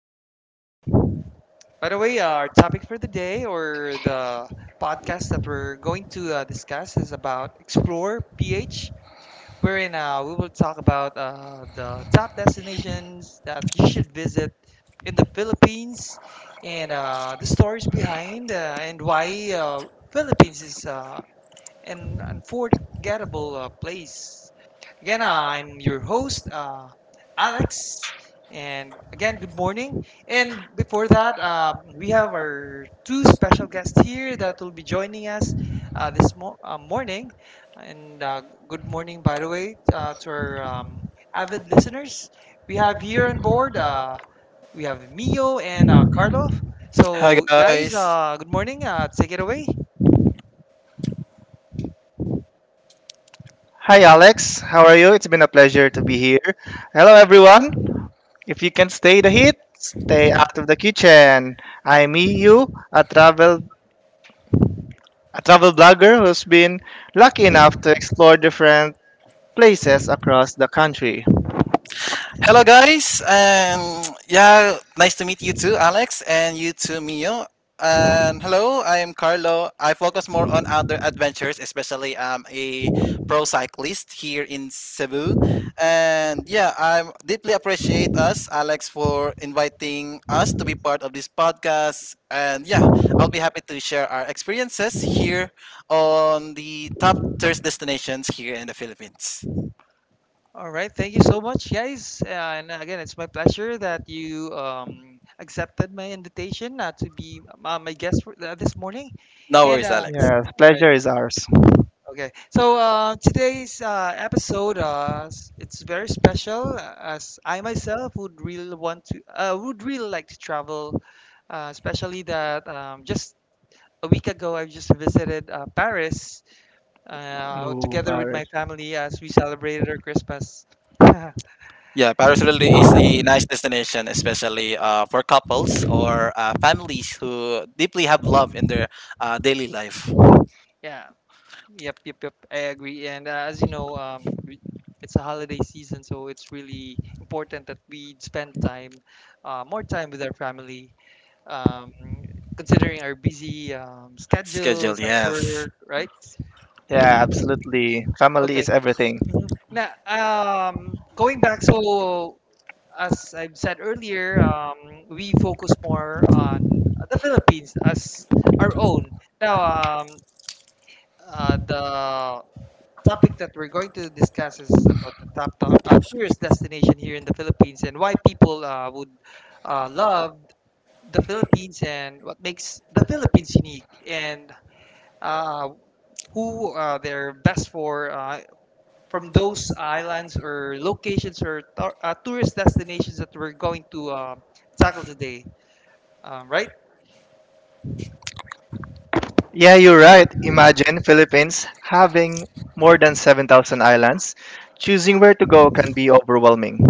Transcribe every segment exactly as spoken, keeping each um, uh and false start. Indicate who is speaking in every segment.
Speaker 1: um, by the way, our topic for the day or the podcast that we're going to uh, discuss is about Explore P H, wherein uh, we will talk about uh, the top destinations that you should visit in the Philippines and uh, the stories behind uh, and why uh, Philippines is uh, an unforgettable uh, place. Again, I'm your host, uh, Alex. And again, good morning. And before that, um, we have our two special guests here that will be joining us uh, this mo- uh, morning. And uh, good morning, by the way, uh, to our um, avid listeners. We have here on board, uh, we have Mio and uh, Carlo. So, guys,
Speaker 2: Guys.
Speaker 1: uh, good morning. Uh, take it away.
Speaker 3: Hi, Alex. How are you? It's been a pleasure to be here. Hello, everyone. If you can stay the heat, stay out of the kitchen. I'm E U, a travel a travel blogger who's been lucky enough to explore different places across the country.
Speaker 2: Hello, guys. Um, yeah, nice to meet you too, Alex, and you too, Mio. And hello, I am Carlo. I focus more on outdoor adventures, especially I'm a pro cyclist here in Cebu. And yeah, I deeply appreciate us, Alex, for inviting us to be part of this podcast. And yeah, I'll be happy to share our experiences here on the top tourist destinations here in the Philippines.
Speaker 1: All right, thank you so much, guys. Uh, and again, it's my pleasure that you um, accepted my invitation uh, to be uh, my guest for, uh, this morning.
Speaker 2: No
Speaker 1: And
Speaker 2: worries,
Speaker 1: uh,
Speaker 2: Alex.
Speaker 3: Yeah,
Speaker 1: all right,
Speaker 3: pleasure is ours.
Speaker 1: okay. So uh, today's uh, episode, uh, s- it's very special uh, as I myself would really want to, uh, would really like to travel, uh, especially that um, just a week ago I just visited uh, Paris uh,
Speaker 3: Ooh,
Speaker 1: together with
Speaker 3: Paris.
Speaker 1: my family as we celebrated our Christmas.
Speaker 2: Yeah, Paris really is a nice destination, especially uh, for couples or uh, families who deeply have love in their uh, daily life
Speaker 1: yeah Yep, yep, yep. I agree. And uh, as you know, um, we, it's a holiday season, so it's really important that we spend time, uh, more time with our family, um, considering our busy um,
Speaker 2: schedule.
Speaker 1: schedules at
Speaker 2: Yes.
Speaker 1: work, right?
Speaker 3: Yeah, absolutely. Family
Speaker 1: Okay.
Speaker 3: is everything.
Speaker 1: Mhm. Now, um, going back, so as I've said earlier, um, we focus more on the Philippines as our own. Now, um, uh, the topic that we're going to discuss is about the top tou- uh, tourist destination here in the Philippines and why people uh, would uh, love the Philippines and what makes the Philippines unique and uh, who uh, they're best for uh, from those islands or locations or tou- uh, tourist destinations that we're going to um tackle today. Um, right?
Speaker 3: Yeah, you're right. Imagine Philippines having more than seven thousand islands. Choosing where to go can be overwhelming.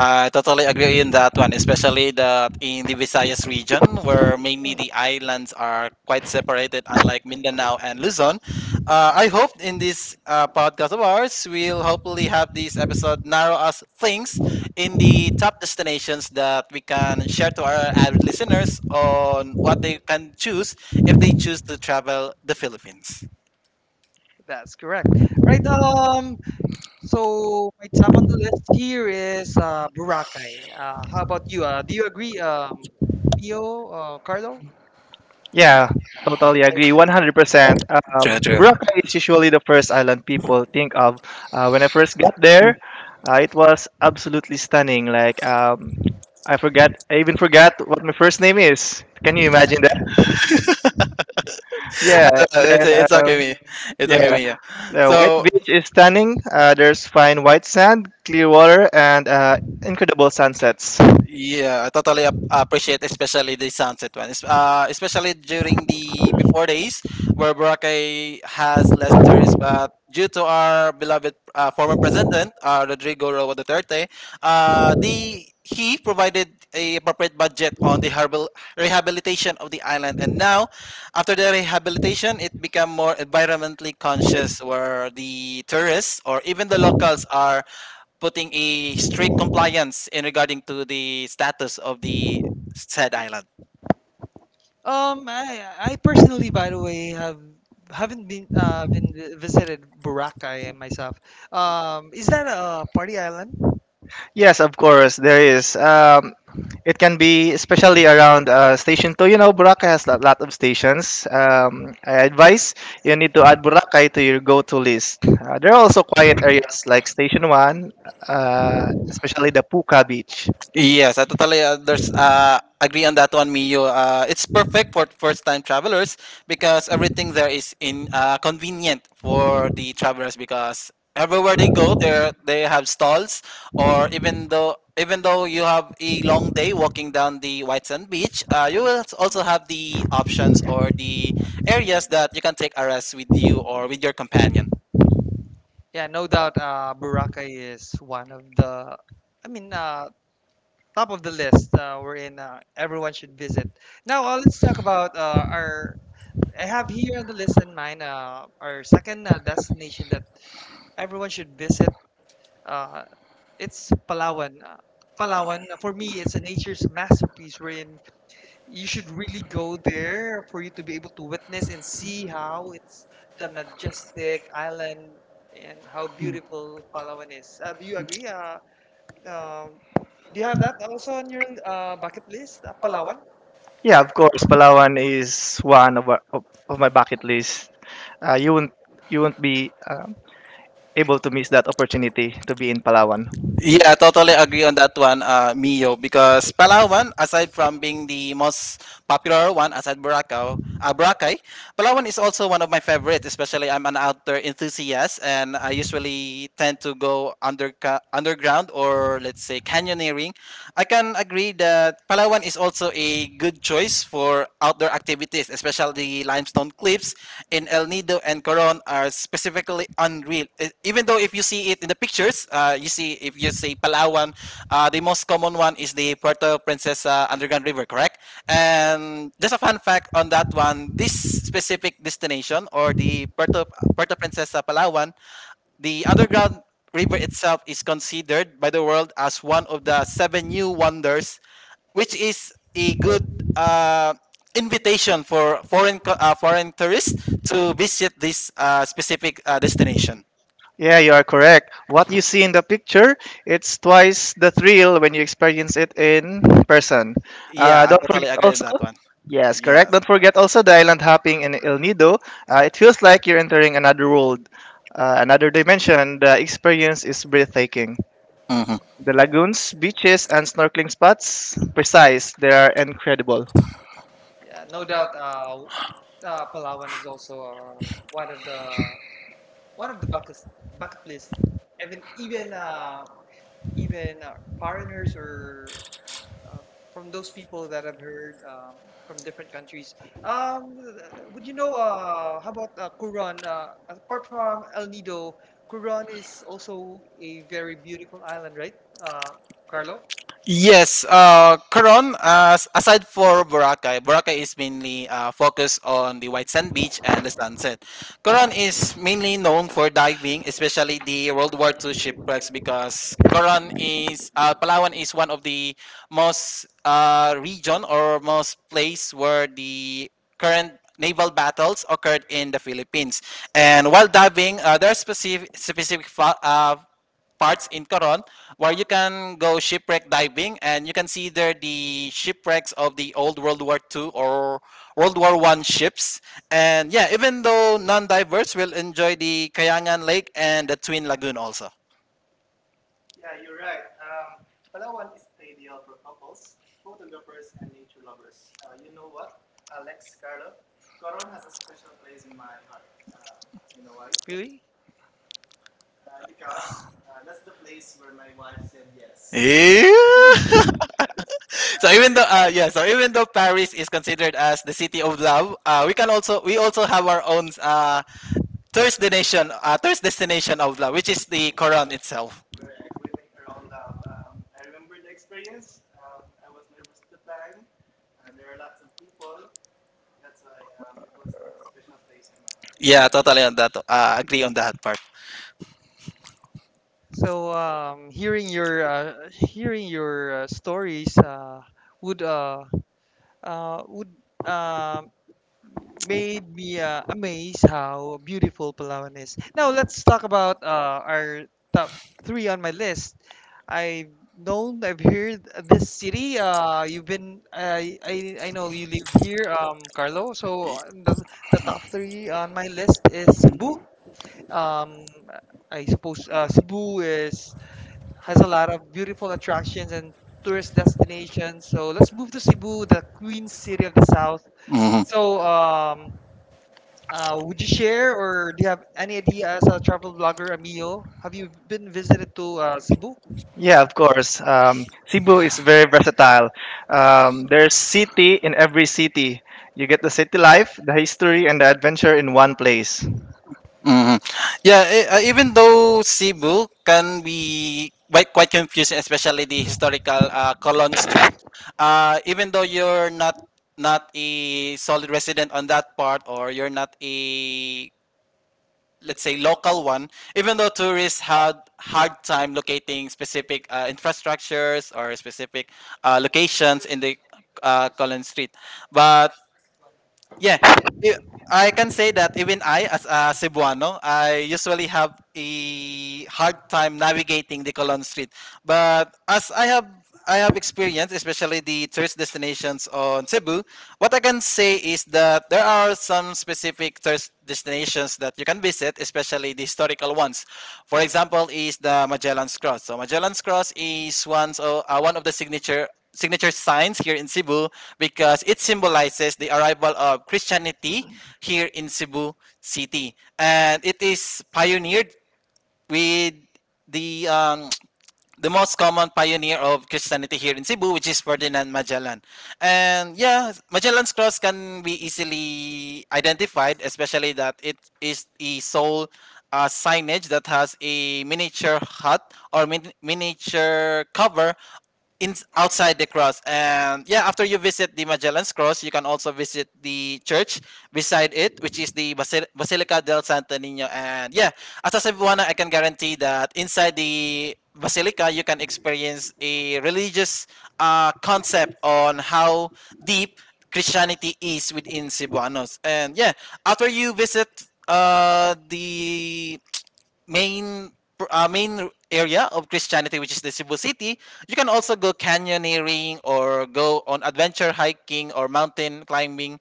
Speaker 2: I totally agree in that one, especially that in the Visayas region, where mainly the islands are quite separated, unlike Mindanao and Luzon. Uh, I hope in this uh, podcast of ours, we'll hopefully have this episode narrow us things in the top destinations that we can share to our avid listeners on what they can choose if they choose to travel the Philippines.
Speaker 1: That's correct. Right. Um, So my top on the list here is uh, Boracay. Uh, how about you? Uh, do you agree, um, Mio, uh, Carlo?
Speaker 3: Yeah, totally agree.
Speaker 1: Okay.
Speaker 3: one hundred percent. Um,
Speaker 2: True, true.
Speaker 3: Boracay is usually the first island people think of. Uh, when I first got there, uh, it was absolutely stunning. Like, um, I forgot, I even forgot what my first name is. Can you imagine that? Yeah,
Speaker 2: Uh,
Speaker 3: and
Speaker 2: it's,
Speaker 3: then,
Speaker 2: it's okay,
Speaker 3: um,
Speaker 2: me. It's okay,
Speaker 3: yeah,
Speaker 2: me. Yeah.
Speaker 3: the white
Speaker 2: So
Speaker 3: beach is stunning. Uh, there's fine white sand, clear water, and uh, incredible sunsets.
Speaker 2: yeah, I totally ap- appreciate especially the sunset one. Es- Uh, especially during the before days where Boracay has less tourists, but due to our beloved uh, former president, uh, Rodrigo Roa Duterte, uh, the he provided a appropriate budget on the harbor rehabilitation of the island, and now after the rehabilitation, it became more environmentally conscious, where the tourists or even the locals are putting a strict compliance in regarding to the status of the said island.
Speaker 1: Um, I I personally, by the way, have haven't been uh been vi- visited Boracay myself. Um, is that a party island?
Speaker 3: Yes, of course, there is. Um, It can be especially around uh, station two. You know, Boracay has a lot of stations. Um, I advise you need to add Boracay to your go-to list. Uh, there are also quiet areas like Station One, uh, especially the Puka Beach.
Speaker 2: Yes, I totally uh, there's uh, agree on that one, Mio. Uh, it's perfect for first-time travelers because everything there is in uh, convenient for the travelers because everywhere they go, there they have stalls, or even though even though you have a long day walking down the white sand beach, uh, you will also have the options or the areas that you can take a rest with you or with your companion.
Speaker 1: Yeah, no doubt. Uh, Boracay is one of the, I mean, uh, top of the list. Uh, we're in. Uh, everyone should visit. Now, uh, let's talk about uh, our I have here on the list in mind uh, our second uh, destination that everyone should visit. Uh, it's Palawan. Uh, Palawan, uh, for me, it's a nature's masterpiece wherein you should really go there for you to be able to witness and see how it's the majestic island and how beautiful Palawan is. Uh, do you agree? Uh, um, do you have that also on your uh, bucket list, uh, Palawan?
Speaker 3: Yeah, of course, Palawan is one of, our, of, of my bucket list. Uh, you won't you won't be um able to miss that opportunity to be in Palawan.
Speaker 2: Yeah, totally agree on that one, uh, Mio. Because Palawan, aside from being the most popular one, aside Boracay, uh, Boracay, Palawan is also one of my favorites. Especially, I'm an outdoor enthusiast, and I usually tend to go under underground or let's say canyoneering. I can agree that Palawan is also a good choice for for outdoor activities, especially the limestone cliffs in El Nido and Coron are specifically unreal. E- Even though if you see it in the pictures, uh, you see if you see Palawan, uh, the most common one is the Puerto Princesa Underground River, correct? And just a fun fact on that one, this specific destination or the Puerto Puerto Princesa Palawan, the underground river itself is considered by the world as one of the seven new wonders, which is a good uh, invitation for foreign co- uh, foreign tourists to visit this uh, specific uh, destination.
Speaker 3: Yeah, you are correct. What you see in the picture, it's twice the thrill when you experience it in person. Uh,
Speaker 2: Yeah, I
Speaker 3: don't
Speaker 2: totally
Speaker 3: forget
Speaker 2: agree with
Speaker 3: also.
Speaker 2: that one.
Speaker 3: Yes, correct.
Speaker 2: Yeah.
Speaker 3: Don't forget also the island hopping in El Nido. Uh, it feels like you're entering another world, uh, another dimension. The experience is breathtaking. The
Speaker 1: Yeah,
Speaker 3: lagoons, beaches, and snorkeling spots, precise. They are incredible.
Speaker 1: yeah, no doubt. Uh, w- uh, Palawan is also uh, one of the one of the bucket bucket list even even uh, even uh, foreigners or um from those people that I've heard um, from different countries. Um, uh, would you know uh, how about uh, Quran? Uh, apart from El Nido, Quran is also a very beautiful island, right, uh, Carlo?
Speaker 2: Yes, uh, Coron, uh, aside for Boracay, Boracay is mainly uh, focused on the white sand beach and the sunset. Coron is mainly known for diving, especially the World War two shipwrecks, because Coron is, uh, Palawan is one of the most uh, region or most place where the current naval battles occurred in the Philippines. And while diving, uh, there are specific, specific fa- uh, parts in Coron where you can go shipwreck diving and you can see there the shipwrecks of the old World War Two or World War One ships. And yeah, even though non-divers will enjoy the Kayangan Lake and the Twin Lagoon also.
Speaker 3: Yeah, you're right. Um, Palawan is ideal for couples, photographers, and nature lovers. Uh, you know what? Alex Carlos, Coron has a special place in my heart. Um, you know why? Uh,
Speaker 1: Really?
Speaker 3: because uh, that's the.
Speaker 2: Yeah. so even though uh, yeah, so even though Paris is considered as the city of love, uh, we can also we also have our own uh, tourist destination uh, tourist destination of love, which is the Coron itself. Yeah, totally on that. Uh, agree on that part.
Speaker 1: So um, hearing your uh, hearing your uh, stories uh, would uh, uh, would uh, made me uh, amazed how beautiful Palawan is. Now let's talk about uh, our top three on my list. I've known, I've heard this city. Uh, you've been, I I, I know you lived here, um, Carlo. So uh, the, the top three on my list is Cebu. Um, I suppose uh, Cebu is has a lot of beautiful attractions and tourist destinations. So let's move to Cebu, the Queen City of the South.
Speaker 2: Mhm.
Speaker 1: So, um, uh, would you share or do you have any idea as a travel blogger, Emilio? Have you been visited to uh, Cebu?
Speaker 3: Yeah, of course. Um, Cebu is very versatile. Um, there's city in every city. You get the city life, the history, and the adventure in one place.
Speaker 2: Hmm. Yeah, e- uh, even though Cebu can be quite quite confusing, especially the historical uh, colons. Uh, even though you're not not a solid resident on that part, or you're not a, let's say, local one, even though tourists had hard time locating specific uh, infrastructures or specific uh, locations in the uh, Colon Street, but Yeah, i- I can say that even I, as a Cebuano, I usually have a hard time navigating the Colon Street. But as I have I have experience, especially the tourist destinations on Cebu. What I can say is that there are some specific tourist destinations that you can visit, especially the historical ones. For example, is the Magellan's Cross. So Magellan's Cross is one, so, uh, one of the signature signature signs here in Cebu because it symbolizes the arrival of Christianity here in Cebu City, and it is pioneered with the um, the most common pioneer of Christianity here in Cebu, which is Ferdinand Magellan. And yeah, Magellan's cross can be easily identified, especially that it is the sole uh, signage that has a miniature hut or min- miniature cover in outside the cross. And yeah, after you visit the Magellan's Cross, you can also visit the church beside it, which is the Basil- Basilica del Santo Nino. And yeah, as a Cebuana, I can guarantee that inside the basilica, you can experience a religious uh, concept on how deep Christianity is within Cebuanos. And yeah, after you visit uh the main pr- uh, main area of Christianity, which is the Cebu City, you can also go canyoneering or go on adventure hiking or mountain climbing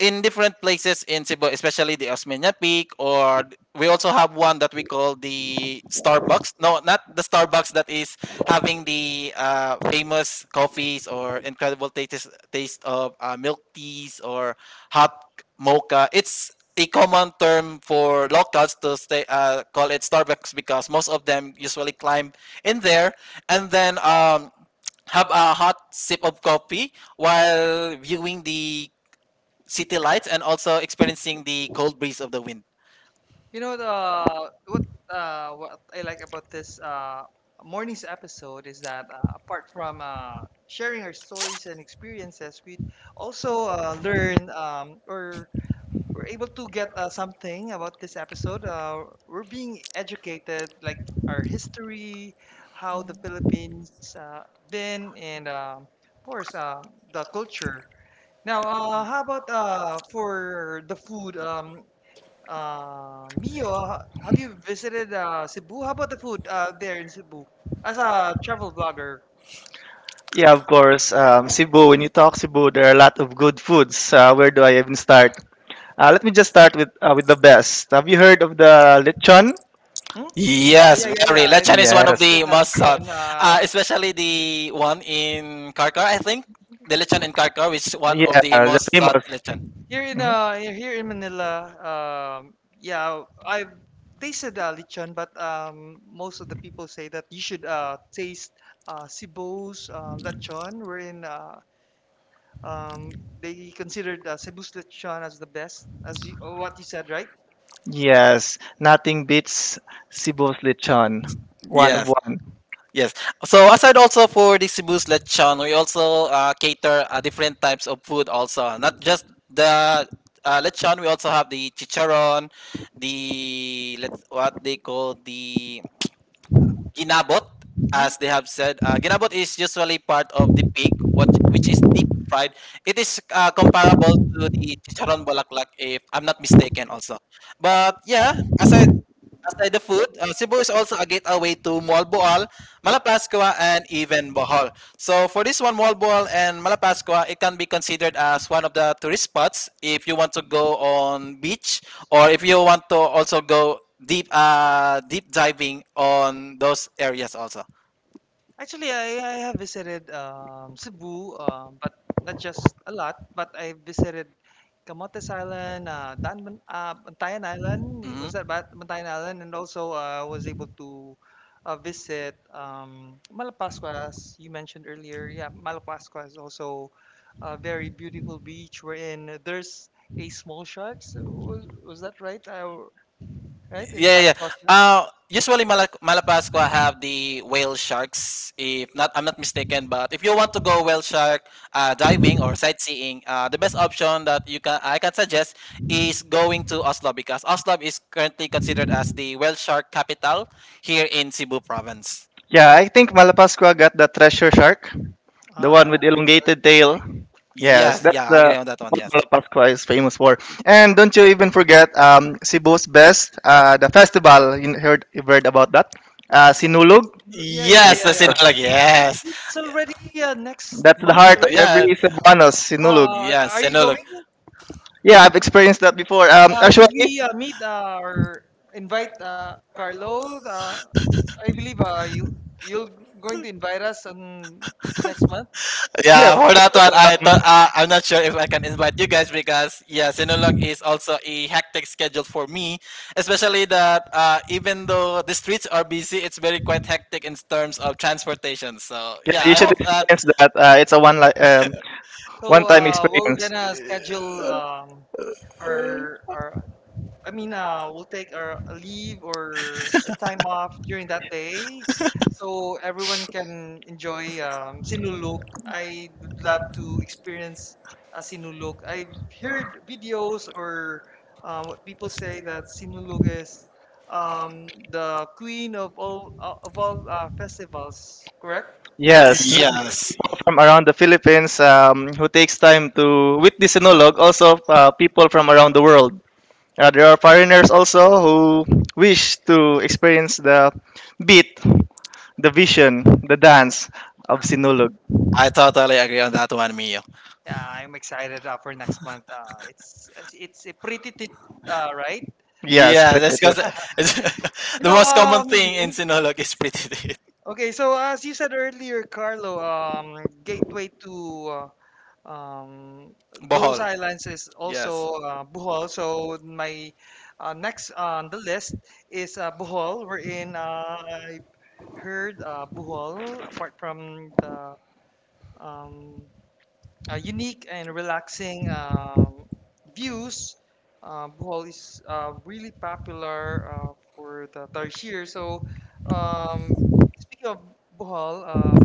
Speaker 2: in different places in Cebu, especially the Osmeña Peak, or th- we also have one that we call the Starbucks. No, not the Starbucks that is having the uh, famous coffees or incredible taste taste of uh, milk teas or hot mocha. It's a common term for locals to stay uh, call it Starbucks because most of them usually climb in there and then um, have a hot sip of coffee while viewing the city lights and also experiencing the cold breeze of the wind.
Speaker 1: You know, the, what uh, what I like about this uh, morning's episode is that uh, apart from uh, sharing our stories and experiences, we also uh, learn um, or we're able to get uh, something about this episode. Uh, we're being educated, like our history, how the Philippines uh, been, and um of course um the culture. Now, uh, how about uh, for the food? Um, uh, Mio, ha- have you visited uh, Cebu? How about the food uh, there in Cebu? As a travel blogger,
Speaker 3: Yeah, of course. Um, Cebu, when you talk Cebu, there are a lot of good foods. Uh, where do I even start? Uh, let me just start with uh, with the best. Have you heard of the lechon?
Speaker 1: hmm? Yeah,
Speaker 2: Yes,
Speaker 1: yeah, yeah, yeah.
Speaker 2: very.
Speaker 1: I,
Speaker 2: Lechon
Speaker 1: I
Speaker 2: is one of
Speaker 3: Yes.
Speaker 1: tasted
Speaker 2: the
Speaker 1: that
Speaker 2: most sought,
Speaker 1: lechon.
Speaker 2: uh,
Speaker 1: Uh,
Speaker 2: especially the one in Karkar. I think the lechon in Karkar, which is one of
Speaker 3: Yeah,
Speaker 2: the
Speaker 3: the
Speaker 2: most sought
Speaker 3: famous.
Speaker 2: lechon.
Speaker 1: Here in
Speaker 3: Mhm.
Speaker 1: uh here in Manila, um yeah, I've tasted uh, lechon, but um most of the people say that you should uh taste uh Cebu's uh lechon, wherein uh um they considered uh, Cebu's lechon as the best, as you, what you said, right?
Speaker 3: Yes, nothing beats Cebu's lechon. One of
Speaker 2: Yes,
Speaker 3: one.
Speaker 2: yes. So aside also for the Cebu's lechon, we also uh, cater uh, different types of food also. Not just the uh, lechon, we also have the chicharon, the, let's what they call, the ginabot,
Speaker 1: Mhm.
Speaker 2: as they have said. Uh, ginabot is usually part of the pig, which which is deep fried. It is uh, comparable to the chicharon bulaklak, if I'm not mistaken, also. But yeah, as I Aside the food, uh, Cebu is also a gateway to Mualboal, Malapascua, and even Bohol. So for this one, Mualboal and Malapascua, it can be considered as one of the tourist spots if you want to go on beach or if you want to also go deep, uh, deep diving on those areas also.
Speaker 1: Actually, I, I have visited um, Cebu, um, but not just a lot, but I visited Camotes Island, uh, Dan, Man- uh, Bantayan Island.
Speaker 2: Mhm.
Speaker 1: Was that Bat- Bantayan Island? And also, uh, I was able to uh, visit um, Malapascua, as you mentioned earlier. Yeah, Malapascua is also a very beautiful beach wherein there's a small shark. So, was, was that right? I, right in
Speaker 2: Yeah, yeah. yeah.
Speaker 1: Malapascua?
Speaker 2: Uh, Usually Mala- Malapascua have the whale sharks. If not, I'm not mistaken. But if you want to go whale shark uh, diving or sightseeing, uh, the best option that you can I can suggest is going to Oslo because Oslo is currently considered as the whale shark capital here in Cebu province.
Speaker 3: Yeah, I think Malapascua got the treasure shark, the
Speaker 1: Ah,
Speaker 3: one
Speaker 1: yeah,
Speaker 3: with
Speaker 1: I saw the
Speaker 3: elongated
Speaker 1: treasure
Speaker 3: tail.
Speaker 1: shark.
Speaker 3: Yes,
Speaker 2: Yes,
Speaker 3: that's
Speaker 2: yeah, I agree
Speaker 3: the
Speaker 2: on that one.
Speaker 3: what
Speaker 2: Yes,
Speaker 3: Malapascua is famous for. And don't you even forget um, Cebu's best, uh, the festival. You heard, you heard about that? Uh, Sinulog.
Speaker 1: Yeah, yeah,
Speaker 2: yes, the
Speaker 1: yeah, yeah.
Speaker 3: Yes,
Speaker 2: Sinulog. Yes,
Speaker 1: It's already uh, next
Speaker 3: that's the
Speaker 1: month,
Speaker 3: heart of
Speaker 1: right?
Speaker 3: every
Speaker 2: yeah,
Speaker 3: Cebuanos, Sinulog.
Speaker 1: Uh,
Speaker 2: yes,
Speaker 1: are you
Speaker 2: Sinulog.
Speaker 1: going?
Speaker 3: Yeah, I've experienced that before. Um,
Speaker 1: Uh,
Speaker 3: actually,
Speaker 1: should we uh, meet uh, or invite uh, Carlo? Uh, I believe uh, you you're going to invite us on next month.
Speaker 3: yes,
Speaker 2: Yeah,
Speaker 3: of
Speaker 2: for that
Speaker 3: course.
Speaker 2: one, I
Speaker 1: So
Speaker 3: Um,
Speaker 2: thought uh, I'm not sure if I can invite you guys because yeah, Sinulog is also a hectic schedule for me, especially that uh, even though the streets are busy, it's very quite hectic in terms of transportation. So
Speaker 3: yeah,
Speaker 2: yeah,
Speaker 3: you
Speaker 2: I
Speaker 3: should
Speaker 2: hope that.
Speaker 3: experience that. Uh, it's a one li- um,
Speaker 1: so
Speaker 3: one-time
Speaker 1: uh, we're
Speaker 3: experience.
Speaker 1: gonna schedule um, our our I mean, uh, we'll take our a leave or a time off during that day, so everyone can enjoy um, Sinulog. I would love to experience uh, Sinulog. I've heard videos or uh, what people say that Sinulog is um, the queen of all uh, of all uh, festivals. Correct?
Speaker 3: Yes, not just
Speaker 2: Yes,
Speaker 3: people from around the Philippines um, who takes time to with the sinologue, also uh, people from around the world. Uh, there are foreigners also who wish to experience the beat, the vision, the dance of sinologue.
Speaker 2: I totally agree on that one, Mio.
Speaker 1: Yeah, I'm excited uh, for next month. Uh, it's it's a pretty tit, uh, right?
Speaker 3: Yes,
Speaker 2: Yeah, that's
Speaker 3: Pretty.
Speaker 2: because the
Speaker 1: No,
Speaker 2: most common
Speaker 1: um,
Speaker 2: thing in
Speaker 1: mhm.
Speaker 2: Sinulog is pretty.
Speaker 1: Okay, so as you said earlier, Carlo, um, gateway to uh, um, those
Speaker 2: Bohol.
Speaker 1: islands is
Speaker 2: Yes.
Speaker 1: also uh, Bohol. So my uh, next on the list is uh, Bohol. We're in. Uh, I heard uh, Bohol, apart from the um, uh, unique and relaxing um, views, uh, Bohol is uh, really popular uh, for the tarsier. So um, speaking of Bohol, uh,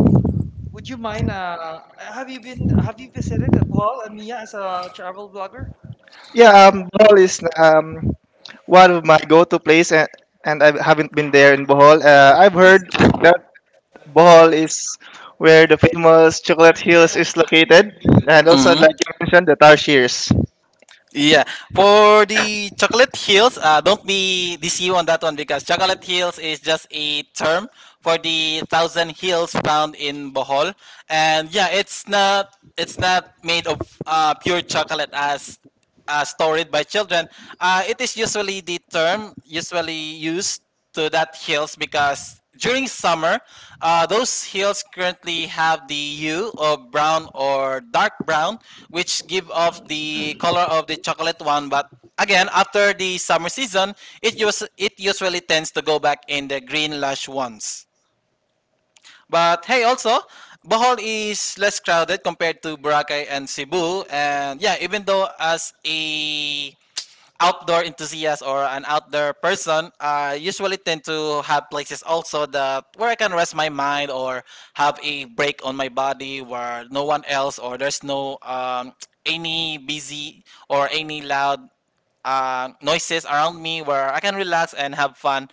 Speaker 1: would you mind? Uh, have you been? Have you visited Bohol, Amiya, as a travel blogger?
Speaker 3: Yeah, um, Bohol is um, one of my go-to place, and, and I haven't been there in Bohol. Uh, I've heard that Bohol is where the famous Chocolate Hills is located, and also
Speaker 2: Hmm.
Speaker 3: like you mentioned, the Tarshirs.
Speaker 2: Yeah, for the Chocolate Hills, uh, don't be deceived on that one because Chocolate Hills is just a term for the thousand hills found in Bohol, and yeah, it's not it's not made of uh, pure chocolate as uh, stored by children. Uh, it is usually the term usually used to that hills because during summer, uh, those hills currently have the hue of brown or dark brown, which give off the color of the chocolate one. But again, after the summer season, it us- it usually tends to go back in the green lush ones. But hey, also, Bohol is less crowded compared to Boracay and Cebu. And yeah, even though as a outdoor enthusiast or an outdoor person, I usually tend to have places also that where I can rest my mind or have a break on my body where no one else or there's no um, any busy or any loud uh, noises around me where I can relax and have fun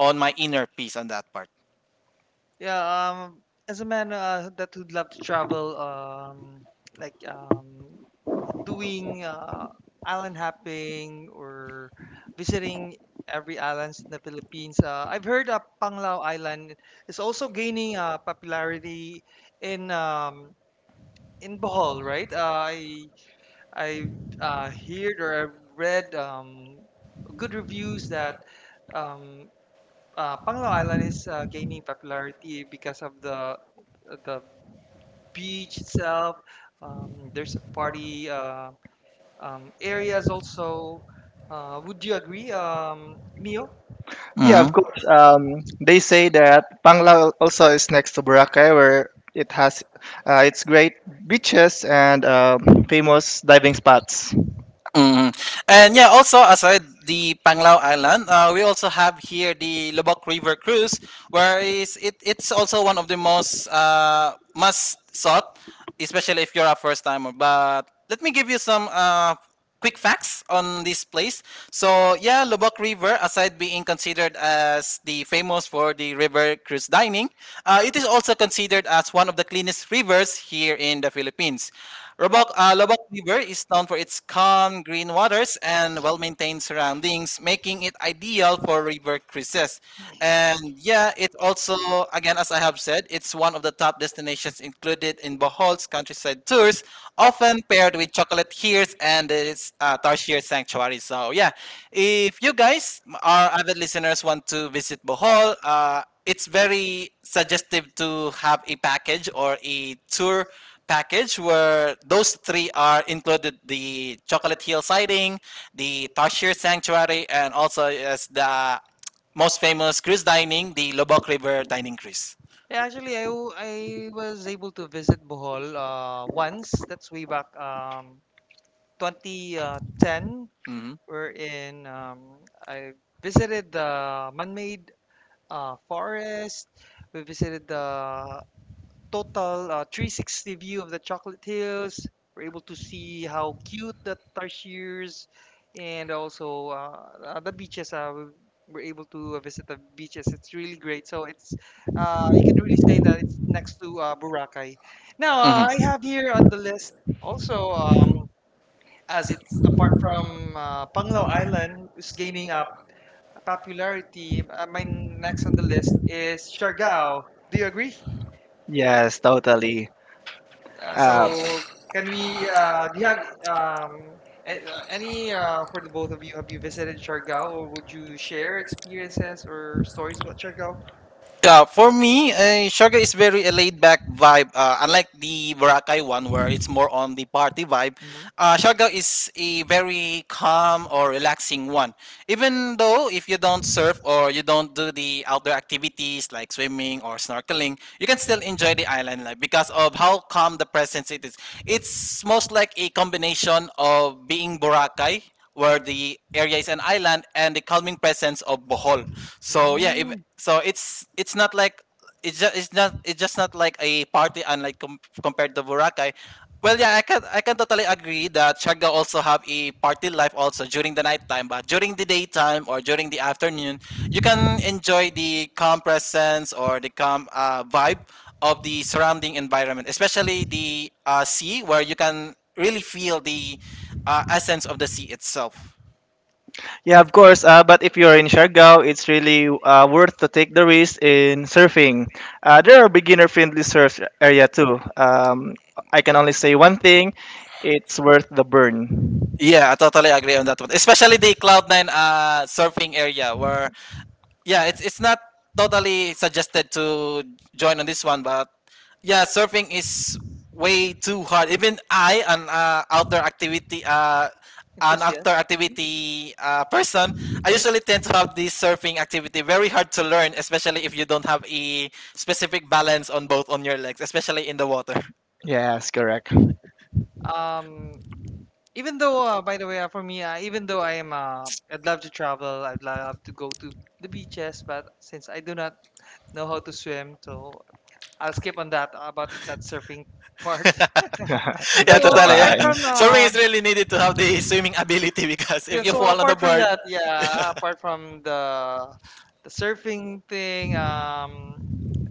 Speaker 2: on my inner peace on that part.
Speaker 1: Yeah. Um, as a man uh, that would love to travel, um, like um, doing uh, island hopping or visiting every islands in the Philippines. Uh, I've heard uh, Panglao Island is also gaining uh, popularity in um, in Bohol, right? Uh, I I uh, heard or I read um, good reviews that um, uh, Panglao Island is uh, gaining popularity because of the the beach itself. Um, there's a party uh, um, areas also. Uh, would you agree, um, Mio?
Speaker 3: Yeah,
Speaker 2: Hmm.
Speaker 3: of course. Um, they say that Pangla also is next to Boracay, where it has uh, its great beaches and um famous diving spots.
Speaker 2: Mm. And yeah, also aside the Panglao Island, uh, we also have here the Lubok River Cruise, where is it, it's also one of the most uh, must sought, especially if you're a first timer. But let me give you some uh, quick facts on this place. So yeah, Lubok River, aside being considered as the famous for the River cruise Dining, uh, it is also considered as one of the cleanest rivers here in the Philippines. Lobok, uh, Lobok River is known for its calm green waters and well-maintained surroundings, making it ideal for river cruises. And yeah, it also, again, as I have said, it's one of the top destinations included in Bohol's countryside tours, often paired with chocolate Hills and its uh, tarsier sanctuary. So yeah, if you guys, m- our avid listeners, want to visit Bohol, uh, it's very suggestive to have a package or a tour package where those three are included: the chocolate hill sighting, the tarshir sanctuary, and also as the most famous cruise dining, the lobok river dining cruise.
Speaker 1: Yeah, actually, I, w- I was able to visit Bohol uh, once. That's way back um, twenty ten,
Speaker 2: Mhm.
Speaker 1: wherein um, I visited the man-made uh, forest. We visited the total uh, three sixty view of the Chocolate Hills. We're able to see how cute the tarsiers and also uh, uh, the beaches. Uh, we were able to uh, visit the beaches. It's really great. So it's uh, you can really say that it's next to uh, Boracay. Now uh, I have here on the list also. Um, as it's apart from uh, Panglao Island is gaining up popularity. Uh, my next on the list is Siargao. Do you agree?
Speaker 3: Yes, totally.
Speaker 1: Uh,
Speaker 3: Um,
Speaker 1: so can we? Uh, do you have um, a- uh, any uh, for the both of you? Have you visited Siargao, or would you share experiences or stories about Siargao?
Speaker 2: Yeah, for me, uh, Sugar is very a laid back vibe. Uh, unlike the Boracay one, where it's more on the party vibe,
Speaker 1: Mhm.
Speaker 2: uh, Sugar is a very calm or relaxing one. Even though if you don't surf or you don't do the outdoor activities like swimming or snorkeling, you can still enjoy the island life because of how calm the presence it is. It's most like a combination of being Boracay where the area is an island and the calming presence of Bohol. So yeah, if,
Speaker 1: Mm.
Speaker 2: so it's it's not like it's just it's not it's just not like a party unlike com- compared to Boracay. Well, yeah, I can I can totally agree that Siargao also have a party life also during the nighttime, but during the daytime or during the afternoon, you can enjoy the calm presence or the calm uh, vibe of the surrounding environment, especially the uh, sea, where you can really feel the uh, essence of the sea itself.
Speaker 3: Yeah, of course. Uh, but if you're in Siargao, it's really uh, worth to take the risk in surfing. Uh, there are beginner-friendly surf area too. Um, I can only say one thing: it's worth the burn.
Speaker 2: Yeah, I totally agree on that one. Especially the Cloud Nine uh surfing area where yeah, it's it's not totally suggested to join on this one, but yeah, surfing is way too hard. Even I, an uh, outdoor activity uh an outdoor
Speaker 1: Enthusiast. Mhm.
Speaker 2: activity uh, person, I usually tend to have this surfing activity very hard to learn, especially if you don't have a specific balance on both on your legs, especially in the water.
Speaker 3: Yes, correct.
Speaker 1: Um, Even though, uh, by the way, uh, for me, uh, even though I am, uh, I'd love to travel, I'd love to go to the beaches, but since I do not know how to swim, so I'll skip on that uh, about that surfing part.
Speaker 2: Yeah,
Speaker 1: So
Speaker 3: That's a
Speaker 2: totally. Yeah.
Speaker 1: apart
Speaker 3: fine.
Speaker 1: from,
Speaker 2: Swimming
Speaker 1: uh,
Speaker 2: is really needed to have the swimming ability because
Speaker 1: yeah,
Speaker 2: if you
Speaker 1: so
Speaker 2: fall on the
Speaker 1: apart from
Speaker 2: board,
Speaker 1: that, yeah, apart from the the surfing thing, um,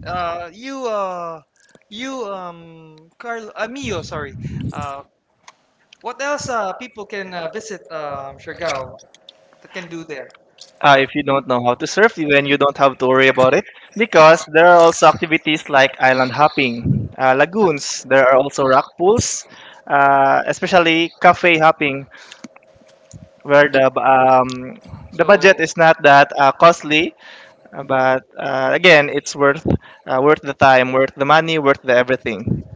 Speaker 1: uh, you, uh, you, um, Carl, uh, Mio, sorry, uh, what else, uh, people can uh, visit, um, Siargao that can do there?
Speaker 3: Uh, if you don't know how to surf, then you don't have to worry about it because there are also activities like island hopping, uh, lagoons. There are also rock pools, uh, especially cafe hopping, where the
Speaker 1: Mhm.
Speaker 3: um, the budget
Speaker 1: So
Speaker 3: is not that uh, costly, uh, but uh, again, it's worth uh, worth the time, worth the money, worth the everything.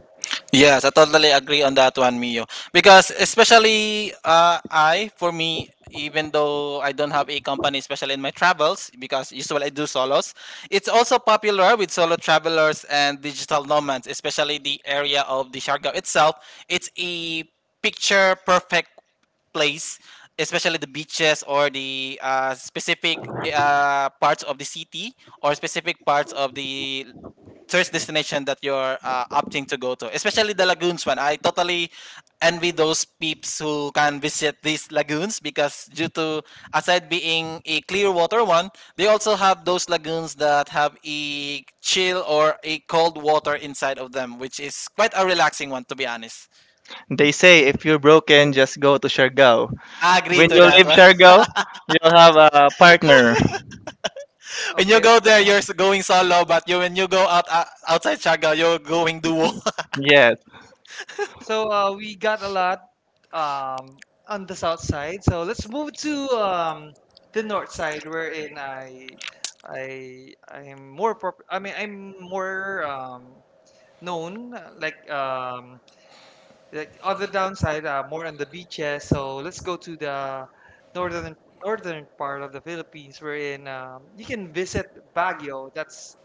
Speaker 2: yes, I totally agree on that one, Mio. Because especially uh, I, for me, even though I don't have a company, especially in my travels, because usually I do solos, it's also popular with solo travelers and digital nomads, especially the area of the Siargao itself. It's a picture perfect place, especially the beaches or the uh, specific uh, parts of the city or specific parts of the tourist destination that you're uh, opting to go to, especially the lagoons one. I totally envy those peeps who can visit these lagoons because due to aside being a clear water one, they also have those lagoons that have a chill or a cold water inside of them, which is quite a relaxing one to be honest.
Speaker 3: They say if you're broken, just go to Siargao.
Speaker 2: I agree
Speaker 3: When
Speaker 2: to
Speaker 3: you
Speaker 2: that
Speaker 3: leave
Speaker 2: one.
Speaker 3: Siargao, you'll have a partner.
Speaker 2: When you
Speaker 1: okay,
Speaker 2: go there, you're s- going solo, but you when you go out uh, outside Siargao, you're going duo.
Speaker 3: Yes,
Speaker 1: so uh, we got a lot um, on the south side. So let's move to um, the north side, wherein I I I'm more prop I mean I'm more um, known uh, like um, like other downside uh, more on the beaches. So let's go to the northern northern part of the Philippines, wherein um, you can visit Baguio. That's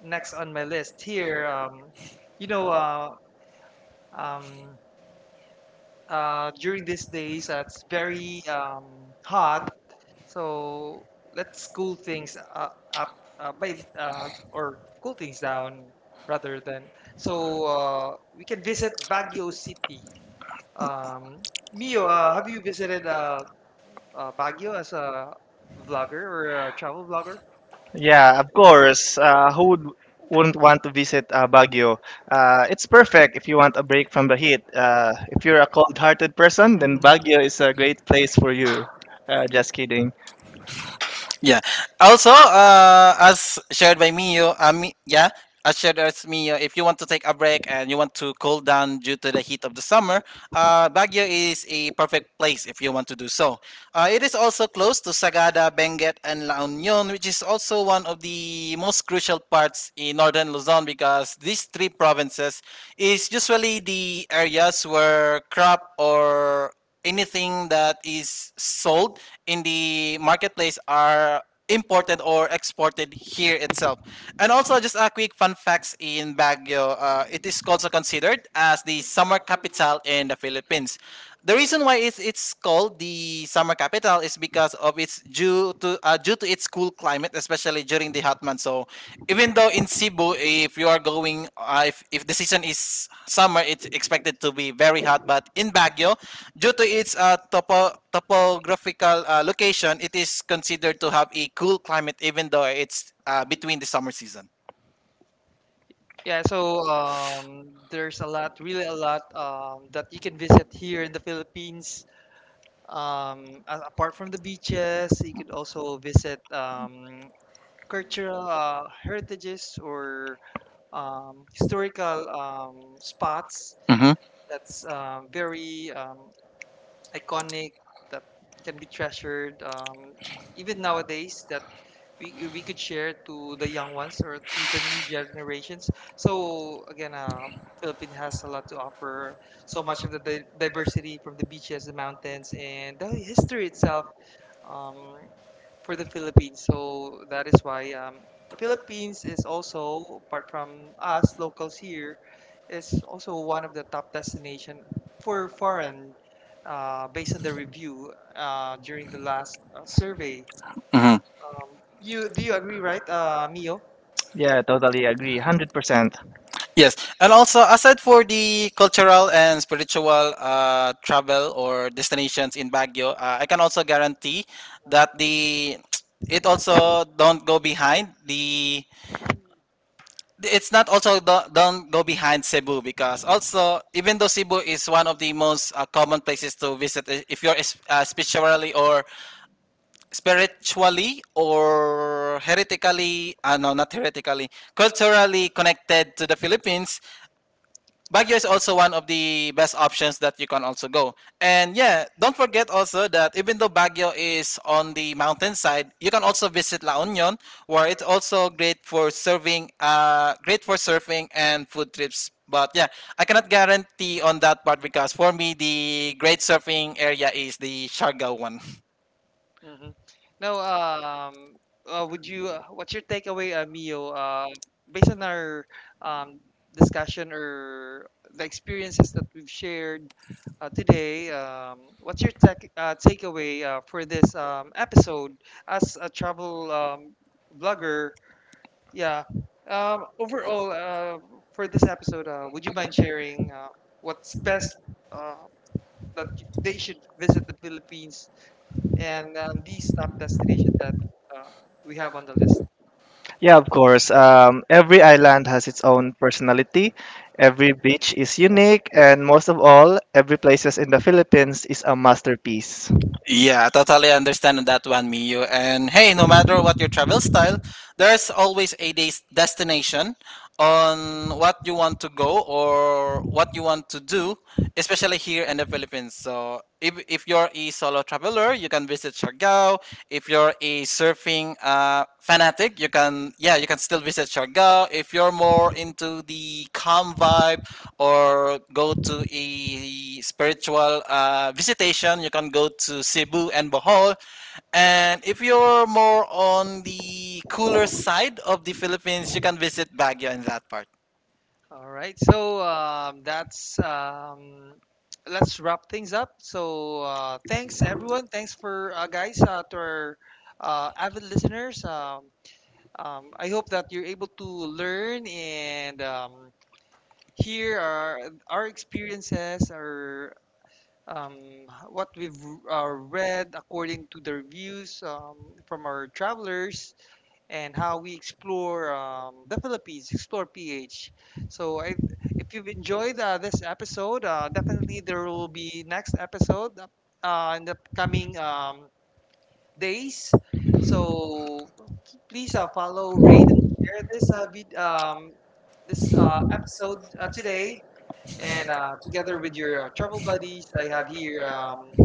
Speaker 1: next on my list here. Um, you know. Uh, um, uh, During these days uh, it's very um, hot, so let's cool things uh, up uh, by uh, or cool things down rather than, so uh, we can visit Baguio City. um, Mio, uh, have you visited uh, uh, Baguio as a vlogger or a travel vlogger?
Speaker 3: yeah, of course. Uh, who would wouldn't want to visit uh, Baguio? Uh, it's perfect if you want a break from the heat. Uh, if you're a cold-hearted person, then
Speaker 1: Mm.
Speaker 3: Baguio is a great place for you. Uh, just kidding.
Speaker 2: Yeah. Also, uh, as shared by Mio, uh, Mi- yeah, as shared as Mio, if you want to take a break and you want to cool down due to the heat of the summer, uh, Baguio is a perfect place if you want to do so. Uh, it is also close to Sagada, Benguet, and La Union, which is also one of the most crucial parts in northern Luzon because these three provinces is usually the areas where crop or anything that is sold in the marketplace are imported or exported here itself. And also, just a quick fun facts in Baguio. Uh, it is also considered as the summer capital in the Philippines. The reason why it's, it's called the summer capital is because of its ju- to uh, due to its cool climate, especially during the hot months. So even though in Cebu, if you are going, uh, if if the season is summer, it's expected to be very hot. But in Baguio, due to its uh, topo topographical uh, location, it is considered to have a cool climate, even though it's uh, between the summer season.
Speaker 1: Yeah, so um, there's a lot, really a lot um, that you can visit here in the Philippines. Um, a- apart from the beaches, you could also visit um, cultural uh, heritages or um, historical um, spots that's um, very um, iconic that can be treasured um, even nowadays that we, we could share to the young ones or to the new generations. So again, uh, Philippines has a lot to offer so much of the di- diversity from the beaches, the mountains, and the history itself, um, for the Philippines. So that is why um, Philippines is also, apart from us locals here, is also one of the top destination for foreign, uh, based on the review uh, during the last uh, survey.
Speaker 2: Mm-hmm.
Speaker 1: Um, you Do you agree, right, uh, Mio?
Speaker 3: Yeah, totally agree. one hundred percent.
Speaker 2: Yes, and also aside for the cultural and spiritual uh, travel or destinations in Baguio, uh, I can also guarantee that the it also don't go behind the it's not also do- don't go behind Cebu because also even though Cebu is one of the most uh, common places to visit I- if you're is- uh, spiritually or spiritually or heretically uh, no not heretically culturally connected to the Philippines, Baguio is also one of the best options that you can also go. And yeah, don't forget also that even though Baguio is on the mountainside, you can also visit La Union, where it's also great for serving, uh, great for surfing and food trips. But yeah, I cannot guarantee on that part because for me the great surfing area is the Siargao one.
Speaker 1: Mhm. No, um, uh, would you, uh, what's your takeaway, uh, Mio, uh, based on our um, discussion or the experiences that we've shared uh, today? Um, what's your tech, uh, takeaway uh, for this um, episode as a travel um, blogger? Yeah. Um, overall, uh, for this episode, uh, would you mind sharing uh, what's best uh, that y- they should visit the Philippines and um, these top destination that um, we have on the list.
Speaker 3: Yeah, of course. Um, every island has its own personality. Every beach is unique. And most of all, every places in the Philippines is a masterpiece.
Speaker 2: Yeah, I totally understand that one, Miyu. And hey, no matter what your travel style, there's always a des- destination on what you want to go or what you want to do, especially here in the Philippines. So if, if you're a solo traveler, you can visit Siargao. If you're a surfing uh, fanatic, you can, yeah, you can still visit Siargao. If you're more into the calm vibe or go to a spiritual uh, visitation, you can go to Cebu and Bohol, and if you're more on the cooler side of the Philippines, you can visit Baguio in that part.
Speaker 1: All right, so um, that's um, let's wrap things up. So uh, thanks, everyone. Thanks for uh, guys uh, to our uh, avid listeners. Um, um, I hope that you're able to learn and um, hear our our experiences, our um, what we've uh, read according to the reviews um, from our travelers and how we explore um, the Philippines, explore P H. So I, if you've enjoyed uh, this episode, uh, definitely there will be next episode uh, uh, in the coming um, days. So well, keep- please uh, follow, rate, and share this uh, vid- um, this uh, episode uh, today. And uh, together with your uh, travel buddies, I have here um,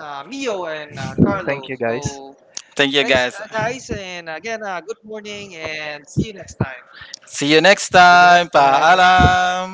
Speaker 1: uh, Mio and uh,
Speaker 3: Mhm,
Speaker 1: Carlo.
Speaker 3: thank you, guys.
Speaker 1: So
Speaker 2: Thank you
Speaker 1: Thanks,
Speaker 2: guys.
Speaker 1: uh, guys. And again, uh, good morning and see you next time.
Speaker 2: See you next
Speaker 3: See you
Speaker 2: time,
Speaker 3: next time.
Speaker 2: paalam.